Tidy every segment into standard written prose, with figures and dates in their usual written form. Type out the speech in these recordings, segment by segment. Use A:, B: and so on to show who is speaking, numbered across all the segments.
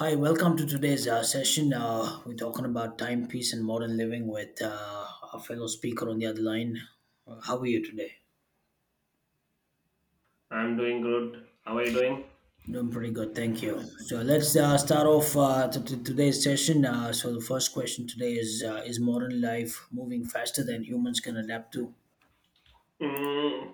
A: Hi, welcome to today's session. We're talking about timepiece and modern living with our fellow speaker on the other line. How are you today?
B: I'm doing good. How are you doing?
A: Doing pretty good, thank you. So let's start off to today's session. So the first question today is: is modern life moving faster than humans can adapt to?
B: Mm,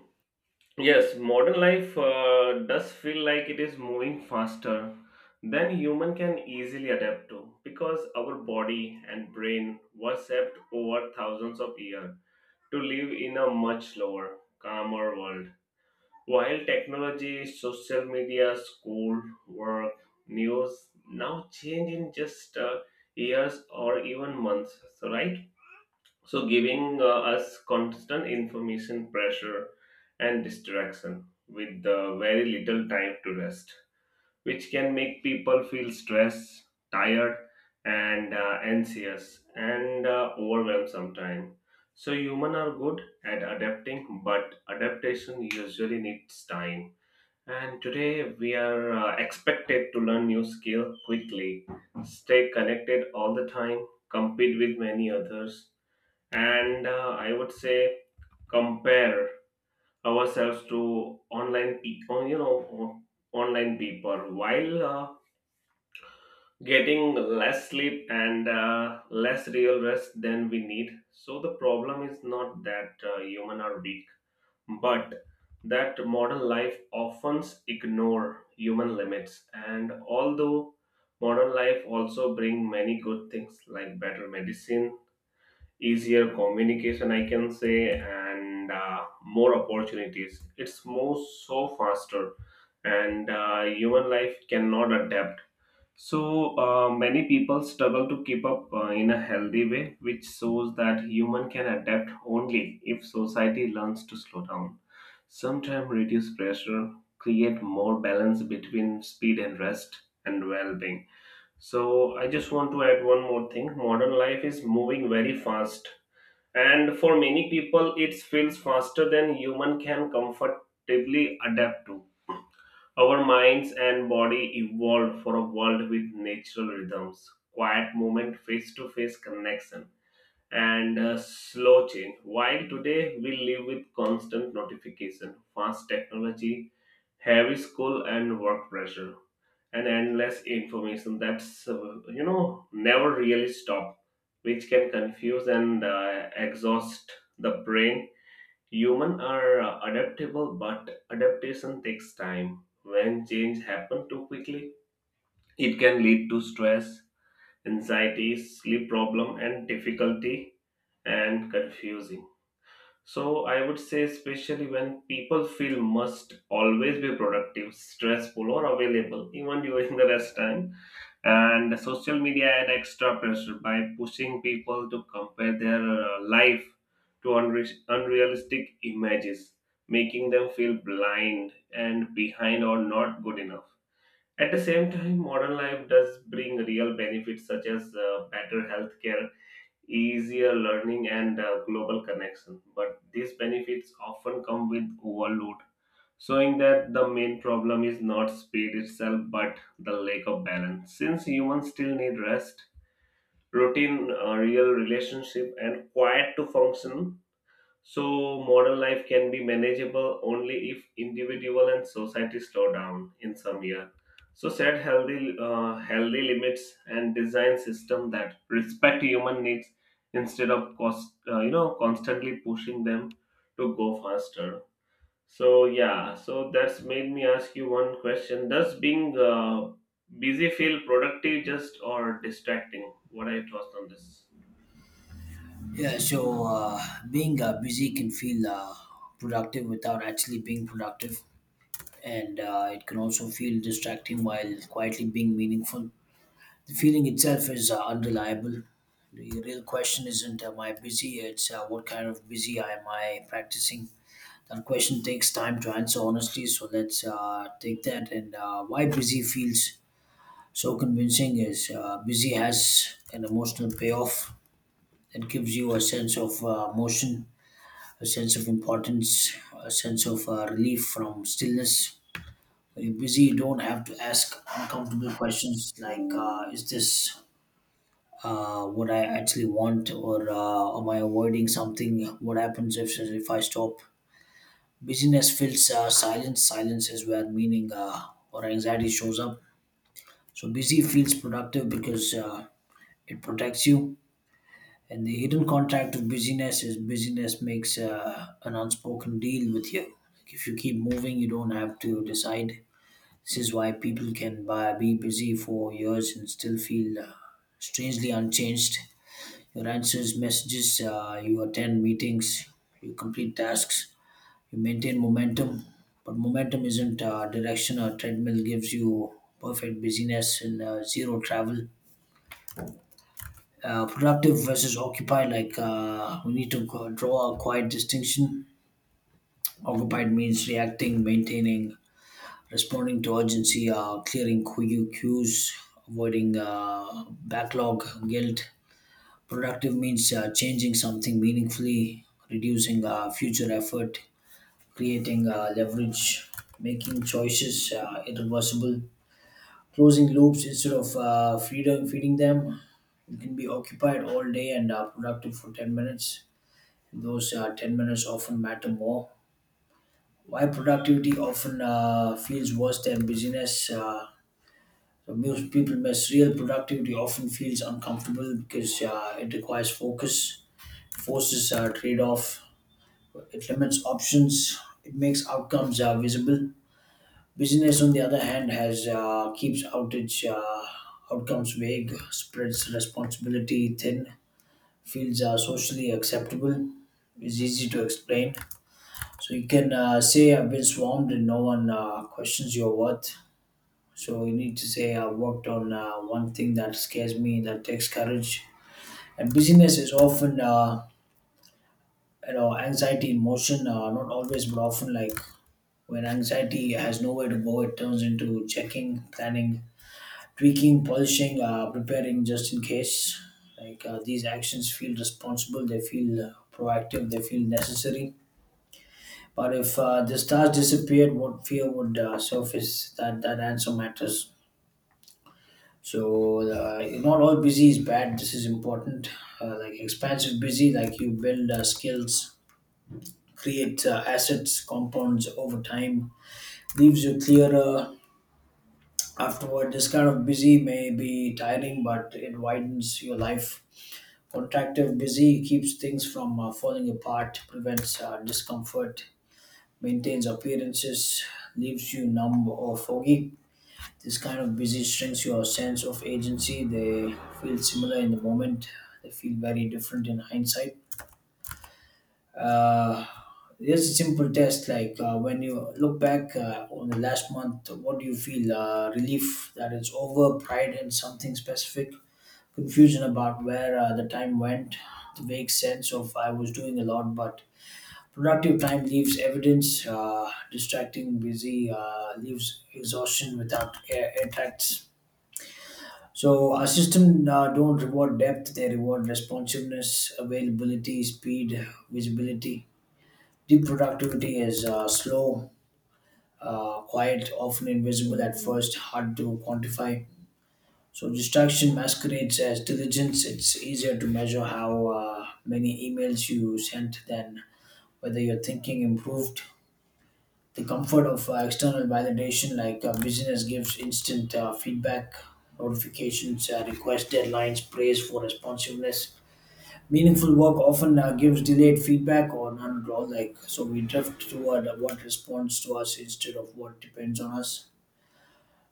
B: yes, modern life does feel like it is moving faster than human can easily adapt to because our body and brain were shaped over thousands of years to live in a much slower, calmer world. While technology, social media, school, work, news now change in just years or even months, so right? So giving us constant information pressure and distraction with very little time to rest, which can make people feel stressed, tired, and anxious and overwhelmed sometimes. So humans are good at adapting, but adaptation usually needs time, and today we are expected to learn new skill quickly, stay connected all the time, compete with many others, and I would say compare ourselves to online pe- oh, you know online people while getting less sleep and less real rest than we need. So the problem is not that human are weak, but that modern life often ignore human limits. And although modern life also bring many good things like better medicine, easier communication I can say, and more opportunities, it's moves so faster and human life cannot adapt, so many people struggle to keep up in a healthy way, which shows that human can adapt only if society learns to slow down, sometimes reduce pressure, create more balance between speed and rest and well-being. So I just want to add one more thing: modern life is moving very fast, and for many people, it feels faster than human can comfortably adapt to. Our minds and body evolved for a world with natural rhythms, quiet movement, face to face connection, and slow change. While today we live with constant notification, fast technology, heavy school, and work pressure and endless information that's never really stop, which can confuse and exhaust the brain. Human are adaptable, but adaptation takes time. When change happen too quickly, it can lead to stress, anxiety, sleep problem and difficulty and confusing. So I would say, especially when people feel must always be productive, stressful, or available even during the rest time. And social media add extra pressure by pushing people to compare their life to unrealistic images, making them feel blind and behind or not good enough. At the same time, modern life does bring real benefits such as better healthcare, easier learning, and global connection, but these benefits often come with overload, showing that the main problem is not speed itself but the lack of balance. Since humans still need rest, routine, real relationship, and quiet to function, so modern life can be manageable only if individual and society slow down in some year. So set healthy, limits and design system that respect human needs instead of constantly pushing them to go faster. So yeah, so that's made me ask you one question. Does being busy feel productive just or distracting? What are your thoughts on this?
A: Yeah. So being busy can feel productive without actually being productive, and it can also feel distracting while quietly being meaningful. The feeling itself is unreliable. The real question isn't am I busy, it's what kind of busy am I practicing. That question takes time to answer honestly, so let's take that. And why busy feels so convincing is busy has an emotional payoff that gives you a sense of motion, a sense of importance, a sense of relief from stillness. When you're busy, you don't have to ask uncomfortable questions like, is this what I actually want, or am I avoiding something? What happens if I stop? Busyness fills silence. Silence is where meaning or anxiety shows up. So busy feels productive because it protects you. And the hidden contract of busyness is busyness makes an unspoken deal with you. Like if you keep moving, you don't have to decide. This is why people can buy, be busy for years and still feel strangely unchanged. You answer messages, you attend meetings, you complete tasks, you maintain momentum. But momentum isn't direction. A treadmill gives you perfect busyness and zero travel. Productive versus occupied, like we need to draw a quiet distinction. Occupied means reacting, maintaining, responding to urgency, clearing cues, avoiding backlog, guilt. Productive means changing something meaningfully, reducing future effort, creating leverage, making choices irreversible, closing loops instead of freedom, feeding them. You can be occupied all day and productive for 10 minutes. Those 10 minutes often matter more. Why productivity often feels worse than busyness? So most people miss real productivity often feels uncomfortable because it requires focus, forces trade off. It limits options. It makes outcomes visible. Business, on the other hand, has keeps outage outcomes vague, spreads responsibility thin, feels socially acceptable, is easy to explain. So you can say I've been swarmed and no one questions your worth. So you need to say I've worked on one thing that scares me, that takes courage. And busyness is often, anxiety in motion, not always, but often like when anxiety has nowhere to go, it turns into checking, planning, tweaking, polishing, preparing just in case. Like these actions feel responsible, they feel proactive, they feel necessary. But if the stars disappeared, what fear would surface? That answer matters. So not all busy is bad. This is important. Like expansive busy, like you build skills, create assets, compounds over time, leaves you clearer, afterward. This kind of busy may be tiring, but it widens your life. Contractive busy keeps things from falling apart, prevents discomfort, maintains appearances, leaves you numb or foggy. This kind of busy strengthens your sense of agency. They feel similar in the moment, they feel very different in hindsight. Uh, here's a simple test like when you look back on the last month, what do you feel? Relief that it's over, pride in something specific, confusion about where the time went, the vague sense of I was doing a lot, but productive time leaves evidence, distracting, busy, leaves exhaustion without air, air tracts. So our system don't reward depth; they reward responsiveness, availability, speed, visibility. Deep productivity is slow, quiet, often invisible at first, hard to quantify. So distraction masquerades as diligence. It's easier to measure how many emails you sent than whether your thinking improved. The comfort of external validation, like business gives instant feedback, notifications, request deadlines, praise for responsiveness. Meaningful work often gives delayed feedback or none at all. Like so, we drift toward what responds to us instead of what depends on us.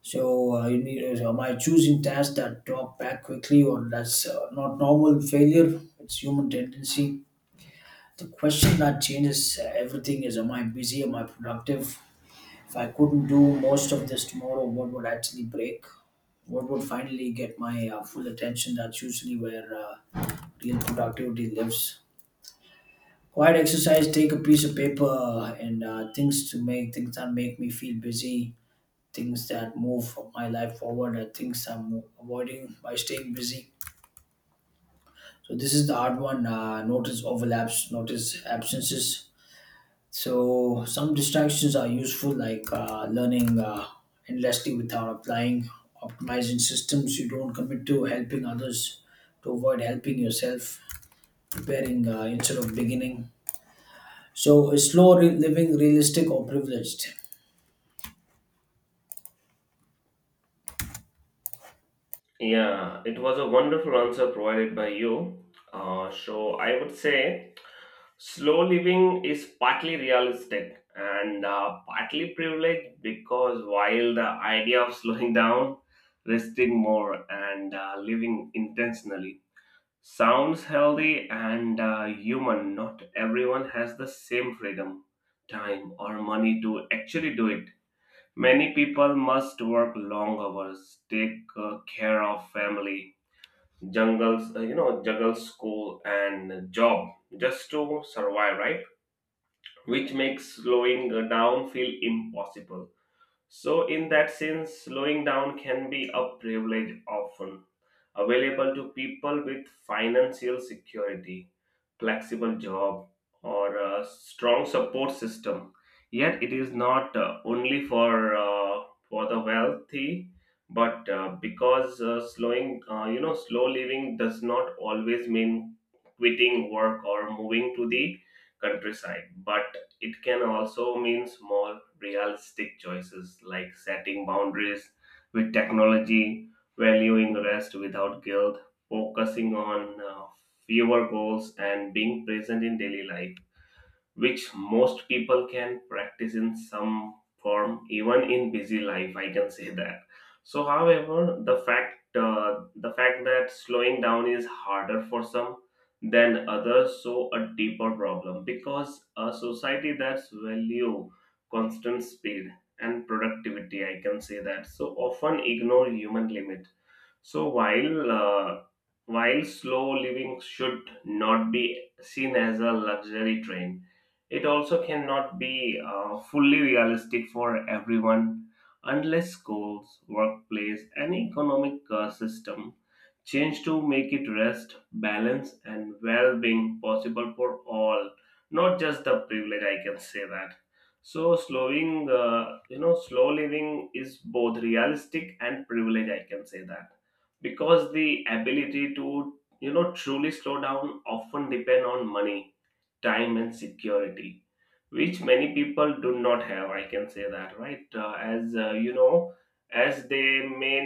A: So am I choosing tasks that drop back quickly, or that's not normal failure? It's human tendency. The question that changes everything is: Am I busy? Am I productive? If I couldn't do most of this tomorrow, what would actually break? What would finally get my full attention? That's usually where real productivity lives. Quiet exercise, take a piece of paper and things to make, things that make me feel busy, things that move my life forward, and things I'm avoiding by staying busy. So, this is the hard one. Notice overlaps, notice absences. So, some distractions are useful, like learning endlessly without applying, optimizing systems you don't commit to, helping others to avoid helping yourself, preparing instead of beginning. So, is slow living realistic or privileged?
B: Yeah, it was a wonderful answer provided by you. So I would say slow living is partly realistic and partly privileged, because while the idea of slowing down, resting more, and living intentionally sounds healthy and human. Not everyone has the same freedom, time, or money to actually do it. Many people must work long hours, take care of family, juggle school and job just to survive, right? Which makes slowing down feel impossible. So, in that sense, slowing down can be a privilege often available to people with financial security, flexible job, or a strong support system. Yet, it is not only for the wealthy, but because slow living does not always mean quitting work or moving to the countryside, but it can also mean more realistic choices like setting boundaries with technology, valuing rest without guilt, focusing on fewer goals, and being present in daily life, which most people can practice in some form even in busy life I can say that. So however, the fact that slowing down is harder for some than others, so a deeper problem, because a society that's value constant speed and productivity I can say that, so often ignore human limit. So while slow living should not be seen as a luxury trend, it also cannot be fully realistic for everyone unless schools, workplace, and economic system change to make it rest, balance, and well being possible for all, not just the privilege. I can say that. So, slow living is both realistic and privilege. I can say that because the ability to, you know, truly slow down often depend on money, time, and security, which many people do not have I can say that, right? Uh, as you know as they may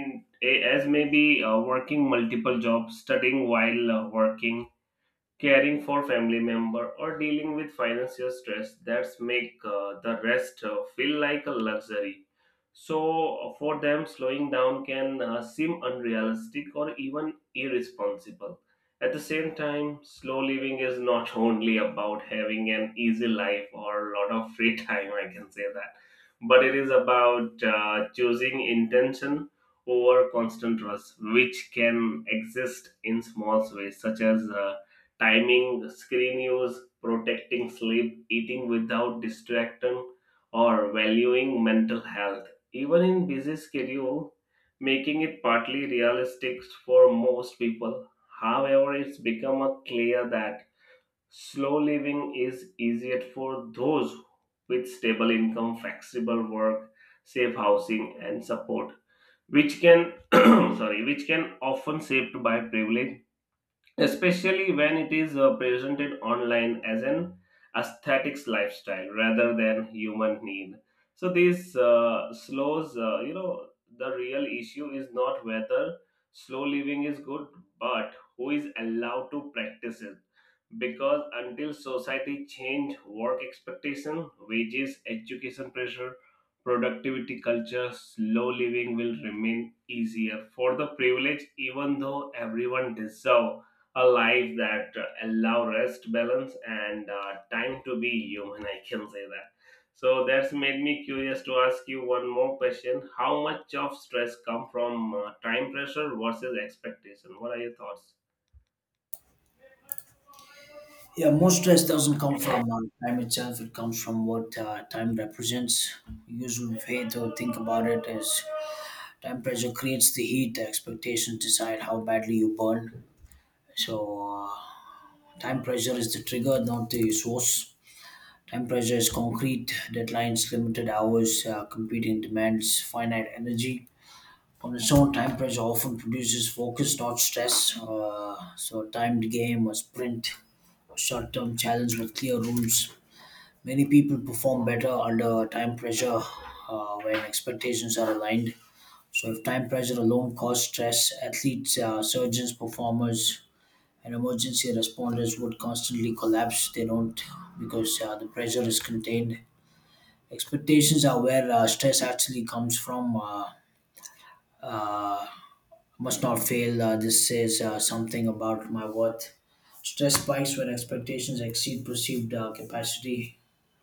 B: eh, as maybe Working multiple jobs, studying while working, caring for family member, or dealing with financial stress that make the rest feel like a luxury. So for them slowing down can seem unrealistic or even irresponsible. At the same time, slow living is not only about having an easy life or a lot of free time I can say that, but it is about choosing intention over constant rush, which can exist in small ways such as timing, screen use, protecting sleep, eating without distraction, or valuing mental health. Even in busy schedule, making it partly realistic for most people. However, it's become a clear that slow living is easier for those with stable income, flexible work, safe housing, and support, which can sorry, which can often shaped by privilege, especially when it is presented online as an aesthetics lifestyle rather than human need. So this slows you know the real issue is not whether slow living is good, but who is allowed to practice it, because until society change work expectation, wages, education pressure, productivity culture, slow living will remain easier for the privileged, even though everyone deserve a life that allow rest, balance, and time to be human. I can say that. So that's made me curious to ask you one more question: How much of stress come from time pressure versus expectation? What are your thoughts?
A: Yeah, most stress doesn't come from time itself. It comes from what time represents. Usual way to think about it is time pressure creates the heat. The expectations decide how badly you burn. So, time pressure is the trigger, not the source. Time pressure is concrete, deadlines, limited hours, competing demands, finite energy. On its own, time pressure often produces focus, not stress. So, timed game or sprint short term challenge with clear rules. Many people perform better under time pressure when expectations are aligned. So, if time pressure alone caused stress, athletes, surgeons, performers, and emergency responders would constantly collapse. They don't because the pressure is contained. Expectations are where stress actually comes from. Uh, must not fail. This says something about my worth. Stress spikes when expectations exceed perceived capacity.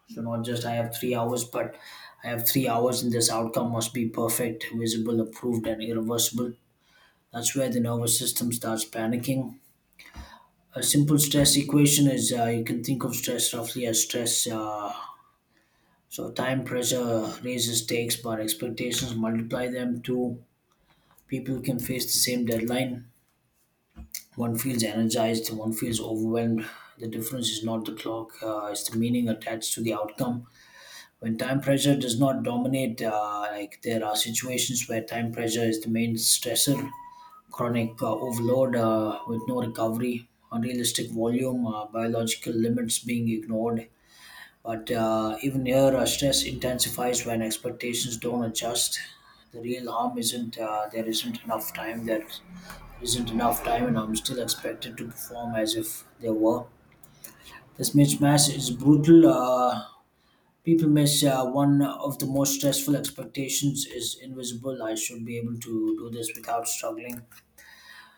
A: So not just I have 3 hours, but I have 3 hours, and this outcome must be perfect, visible, approved, and irreversible. That's where the nervous system starts panicking. A simple stress equation is you can think of stress roughly as stress. So time pressure raises stakes, but expectations multiply them. Two people can face the same deadline. One feels energized, one feels overwhelmed. The difference is not the clock; it's the meaning attached to the outcome. When time pressure does not dominate, like there are situations where time pressure is the main stressor, chronic overload with no recovery, unrealistic volume, biological limits being ignored. But even here, stress intensifies when expectations don't adjust. The real harm isn't there isn't enough time. There isn't enough time, and I'm still expected to perform as if there were. This mismatch is brutal. People miss one of the most stressful expectations is invisible. I should be able to do this without struggling.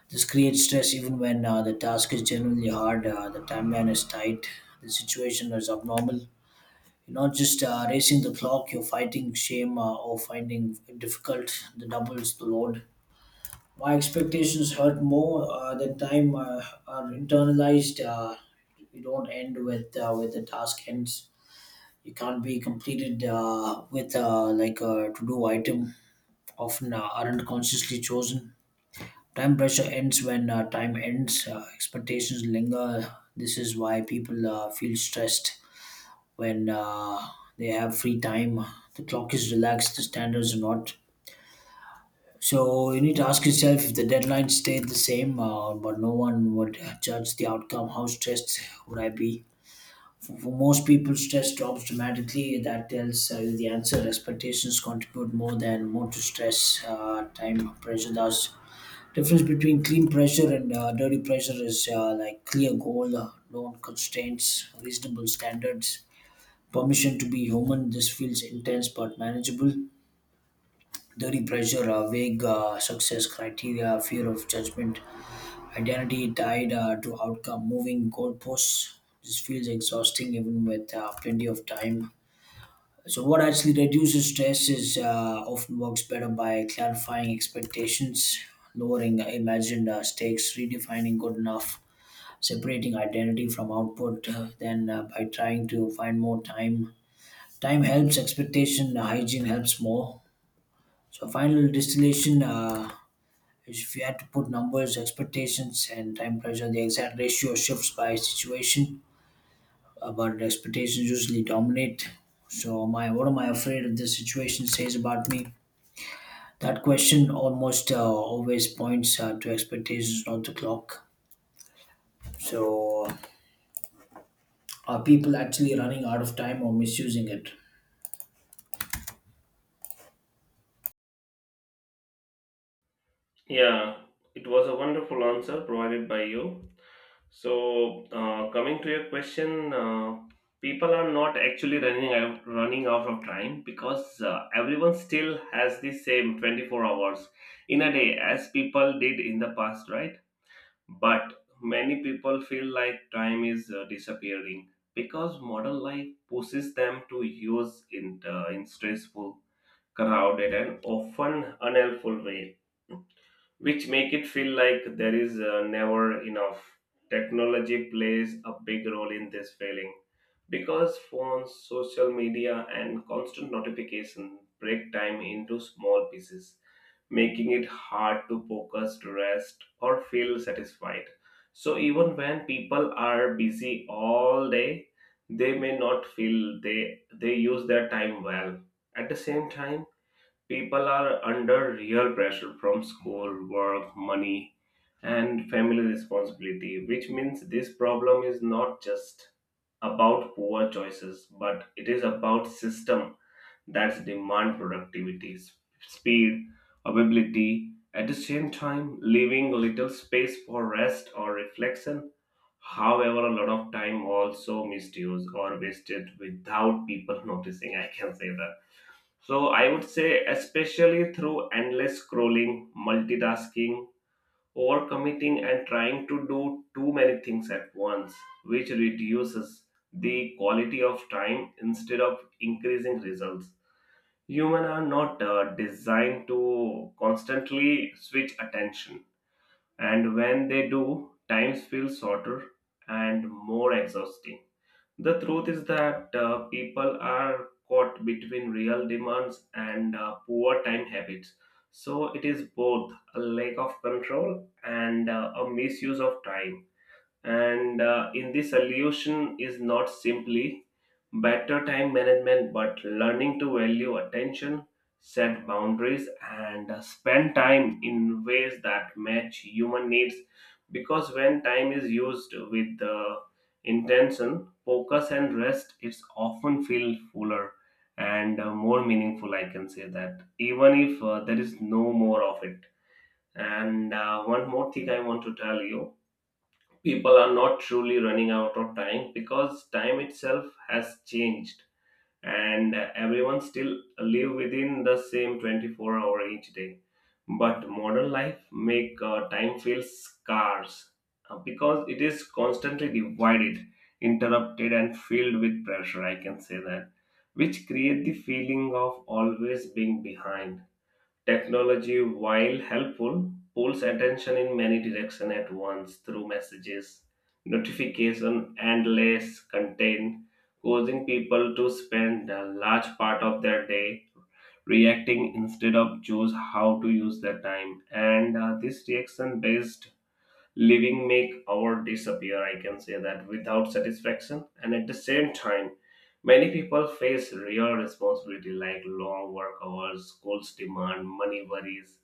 A: This creates stress even when the task is generally hard, the timeline is tight, the situation is abnormal. You're not just racing the clock, you're fighting shame or finding it difficult. The doubles the load. My expectations hurt more than time are internalized. You don't end with the task ends it can't be completed with like a to-do item often aren't consciously chosen. Time pressure ends when time ends. Expectations linger. This is why people feel stressed when they have free time. The clock is relaxed. The standards are not. So you need to ask yourself if the deadline stayed the same, but no one would judge the outcome. How stressed would I be? For most people, stress drops dramatically. That tells you the answer. Expectations contribute more than more to stress. Time pressure does. Difference between clean pressure and dirty pressure is like clear goal, known constraints, reasonable standards, permission to be human. This feels intense but manageable. Dirty pressure, vague success criteria, fear of judgment, identity tied to outcome, moving goalposts. This feels exhausting even with plenty of time. So, what actually reduces stress is often works better by clarifying expectations, lowering imagined stakes, redefining good enough, separating identity from output, by trying to find more time, time helps. Expectation hygiene helps more. So, final distillation. Is if you had to put numbers, expectations, and time pressure, the exact ratio shifts by situation, but expectations usually dominate. So, my what am I afraid of this situation says about me? That question almost always points to expectations, not the clock. So, are people actually running out of time or misusing it?
B: Yeah, it was a wonderful answer provided by you. So, coming to your question, people are not running out of time because everyone still has the same 24 hours in a day as people did in the past, right? But many people feel like time is disappearing because modern life pushes them to use in stressful, crowded, and often unhelpful way, which make it feel like there is never enough. Technology plays a big role in this feeling because phones, social media, and constant notification break time into small pieces, making it hard to focus, rest, or feel satisfied. So even when people are busy all day, they may not feel they use their time well. At the same time, people are under real pressure from school, work, money, and family responsibility, which means this problem is not just about poor choices, but it is about system that demand productivity, speed, ability. At the same time, leaving little space for rest or reflection. However, a lot of time also misused or wasted without people noticing. I can say that, so I would say, especially through endless scrolling, multitasking, overcommitting, and trying to do too many things at once, which reduces the quality of time instead of increasing results. Humans are not designed to constantly switch attention, and when they do, times feel shorter and more exhausting. The truth is that people are caught between real demands and poor time habits. So it is both a lack of control and a misuse of time, and in this solution is not simply better time management but learning to value attention, set boundaries, and spend time in ways that match human needs, because when time is used with intention, focus, and rest, it's often feel fuller and more meaningful I can say that, even if there is no more of it. And one more thing I want to tell you: people are not truly running out of time because time itself has changed, and everyone still live within the same 24 hour each day. But modern life make time feel scarce because it is constantly divided, interrupted, and filled with pressure, I can say that, which create the feeling of always being behind. Technology, while helpful, pulls attention in many directions at once through messages, notification, and less content, causing people to spend a large part of their day reacting instead of choose how to use their time. And this reaction-based living make our disappear, I can say that, without satisfaction. And at the same time, many people face real responsibility like long work hours, schools demand, money worries,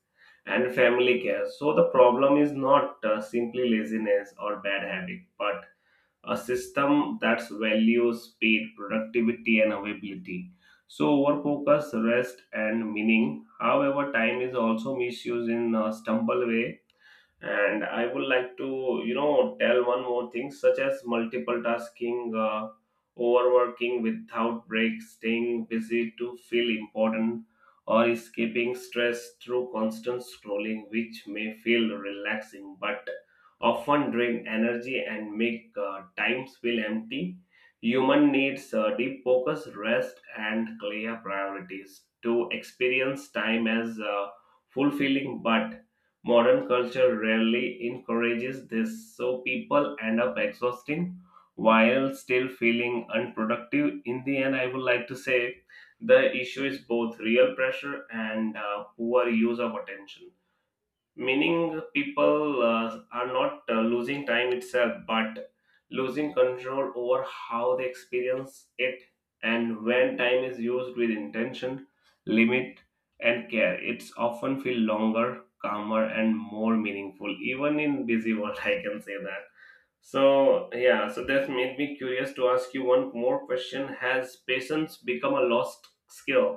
B: and family care. So the problem is not simply laziness or bad habit, but a system that values speed, productivity, and availability, so overfocus rest and meaning. However, time is also misused in a stumble way, and I would like to you know tell one more thing, such as multiple tasking, overworking without breaks, staying busy to feel important, or escaping stress through constant scrolling, which may feel relaxing but often drain energy and make times feel empty. Human needs deep focus, rest, and clear priorities to experience time as fulfilling, but modern culture rarely encourages this, so people end up exhausting while still feeling unproductive. In the end, I would like to say the issue is both real pressure and poor use of attention, meaning people are not losing time itself, but losing control over how they experience it. And when time is used with intention, limit, and care, it's often feel longer, calmer, and more meaningful even in busy world I can say that. So yeah, so that made me curious to ask you one more question: has patience become a lost skill?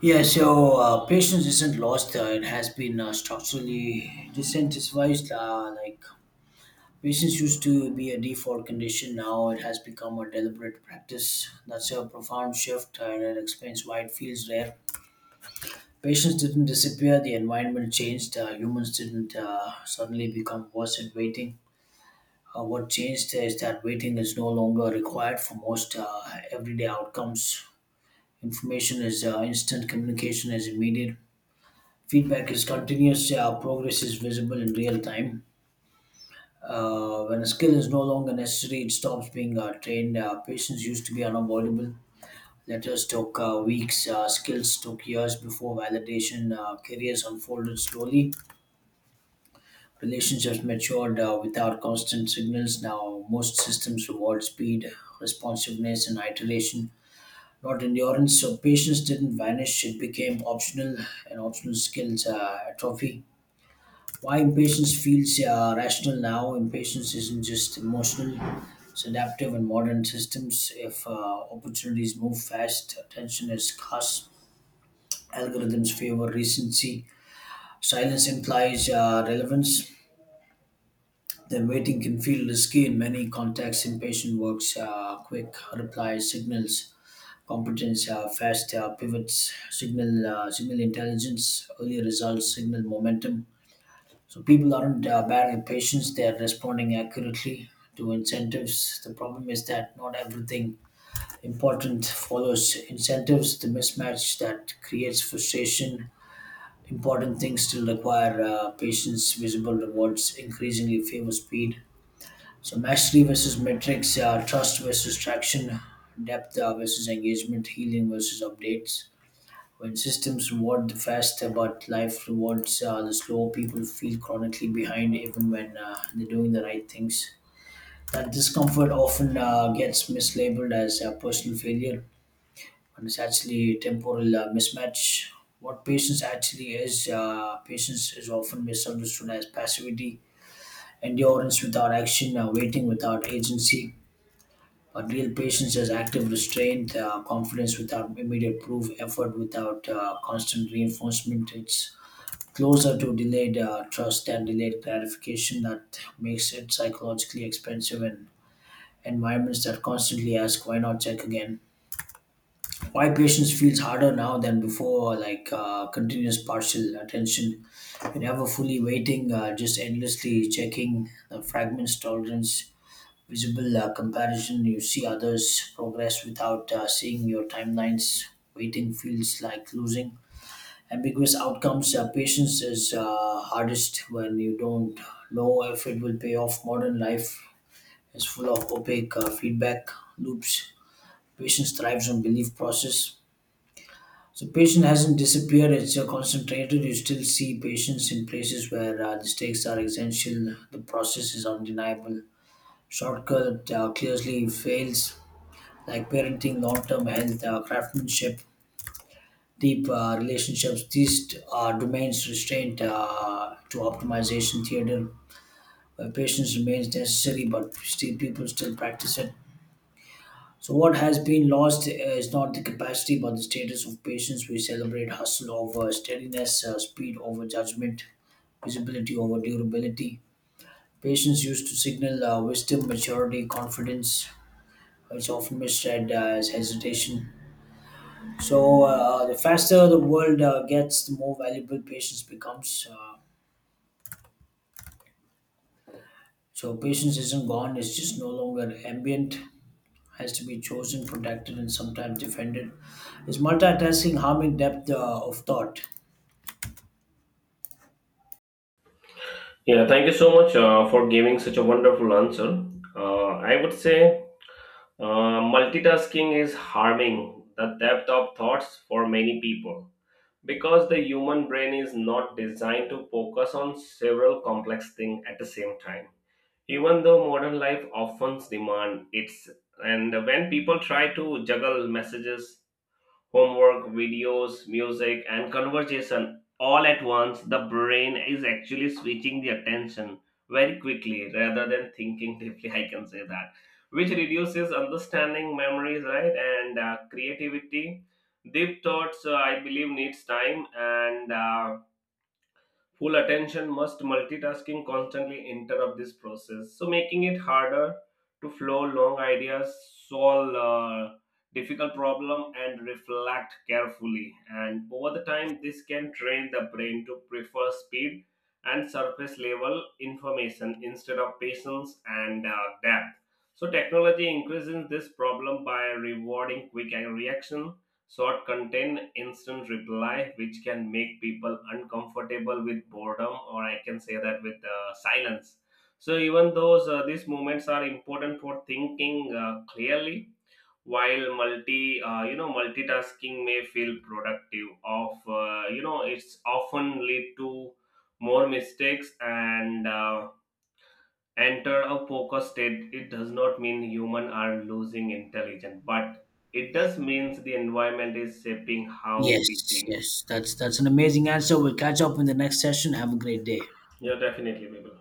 A: Yeah, so patience isn't lost. It has been structurally disincentivized. Like patience used to be a default condition, now it has become a deliberate practice. That's a profound shift, and it explains why it feels rare. Patients didn't disappear. The environment changed. Humans didn't suddenly become worse at waiting. What changed is that waiting is no longer required for most everyday outcomes. Information is instant, communication is immediate, feedback is continuous, progress is visible in real time. When a skill is no longer necessary, it stops being trained. Patients used to be unavoidable. Letters took weeks, skills took years before validation, careers unfolded slowly. Relationships matured without constant signals. Now, most systems reward speed, responsiveness, and iteration, not endurance. So, patience didn't vanish, it became optional, and optional skills atrophy. Why impatience feels rational now? Impatience isn't just emotional, it's adaptive in modern systems. If Opportunities move fast, attention is scarce, algorithms favor recency. Silence implies relevance. Then waiting can feel risky in many contexts. Impatient works quick replies, signals competence, fast pivots, signal intelligence, early results, signal momentum. So people aren't bad at patience; they are responding accurately to incentives. The problem is that not everything important follows incentives. The mismatch that creates frustration. Important things still require patience. Visible rewards increasingly favor speed, so mastery versus metrics, trust versus traction, depth versus engagement, healing versus updates. When systems reward the faster, but life rewards the slow, people feel chronically behind even when they're doing the right things. That discomfort often gets mislabeled as a personal failure, and it's actually temporal mismatch. What patience actually is, patience is often misunderstood as passivity, endurance without action, waiting without agency. But real patience is active restraint, confidence without immediate proof, effort without constant reinforcement. It's closer to delayed trust than delayed gratification. That makes it psychologically expensive, and environments that constantly ask why not check again, why patience feels harder now than before, like continuous partial attention. You're never fully waiting, just endlessly checking the fragments tolerance, visible comparison. You see others' progress without seeing your timelines. Waiting feels like losing. Ambiguous outcomes. Patience is hardest when you don't know if it will pay off. Modern life is full of opaque feedback loops. Patience thrives on belief process. So patience hasn't disappeared. It's concentrated. You still see patience in places where the stakes are essential. The process is undeniable. Shortcut clearly fails, like parenting, long term health, craftsmanship, deep relationships. These are domains restrained to optimization theater, where patience remains necessary, but still people still practice it. So, what has been lost is not the capacity but the status of patience. We celebrate hustle over steadiness, speed over judgment, visibility over durability. Patience used to signal wisdom, maturity, confidence. It's often misread as hesitation. So the faster the world gets, the more valuable patience becomes. So patience isn't gone; it's just no longer ambient. Has to be chosen, protected, and sometimes defended. Is multitasking harming depth of thought?
B: Yeah, thank you so much for giving such a wonderful answer. I would say multitasking is harming the depth of thoughts for many people because the human brain is not designed to focus on several complex things at the same time. Even though modern life often demands it's, and when people try to juggle messages, homework, videos, music, and conversation all at once, the brain is actually switching the attention very quickly rather than thinking deeply. I can say that, which reduces understanding, memories, right, and creativity. Deep thoughts, I believe, needs time and full attention. Must multitasking constantly interrupt this process, so making it harder to flow long ideas, solve difficult problem, and reflect carefully. And over the time, this can train the brain to prefer speed and surface level information instead of patience and depth. So technology increases this problem by rewarding quick reaction, short contain instant reply, which can make people uncomfortable with boredom, or I can say that with silence. So even those these moments are important for thinking clearly. While multitasking may feel productive, of it's often lead to more mistakes and. Enter a focus state, it does not mean human are losing intelligence, but it does means the environment is shaping how we
A: Yes,
B: think.
A: yes, that's an amazing answer. We'll catch up in the next session. Have a great day.
B: Yeah, definitely people.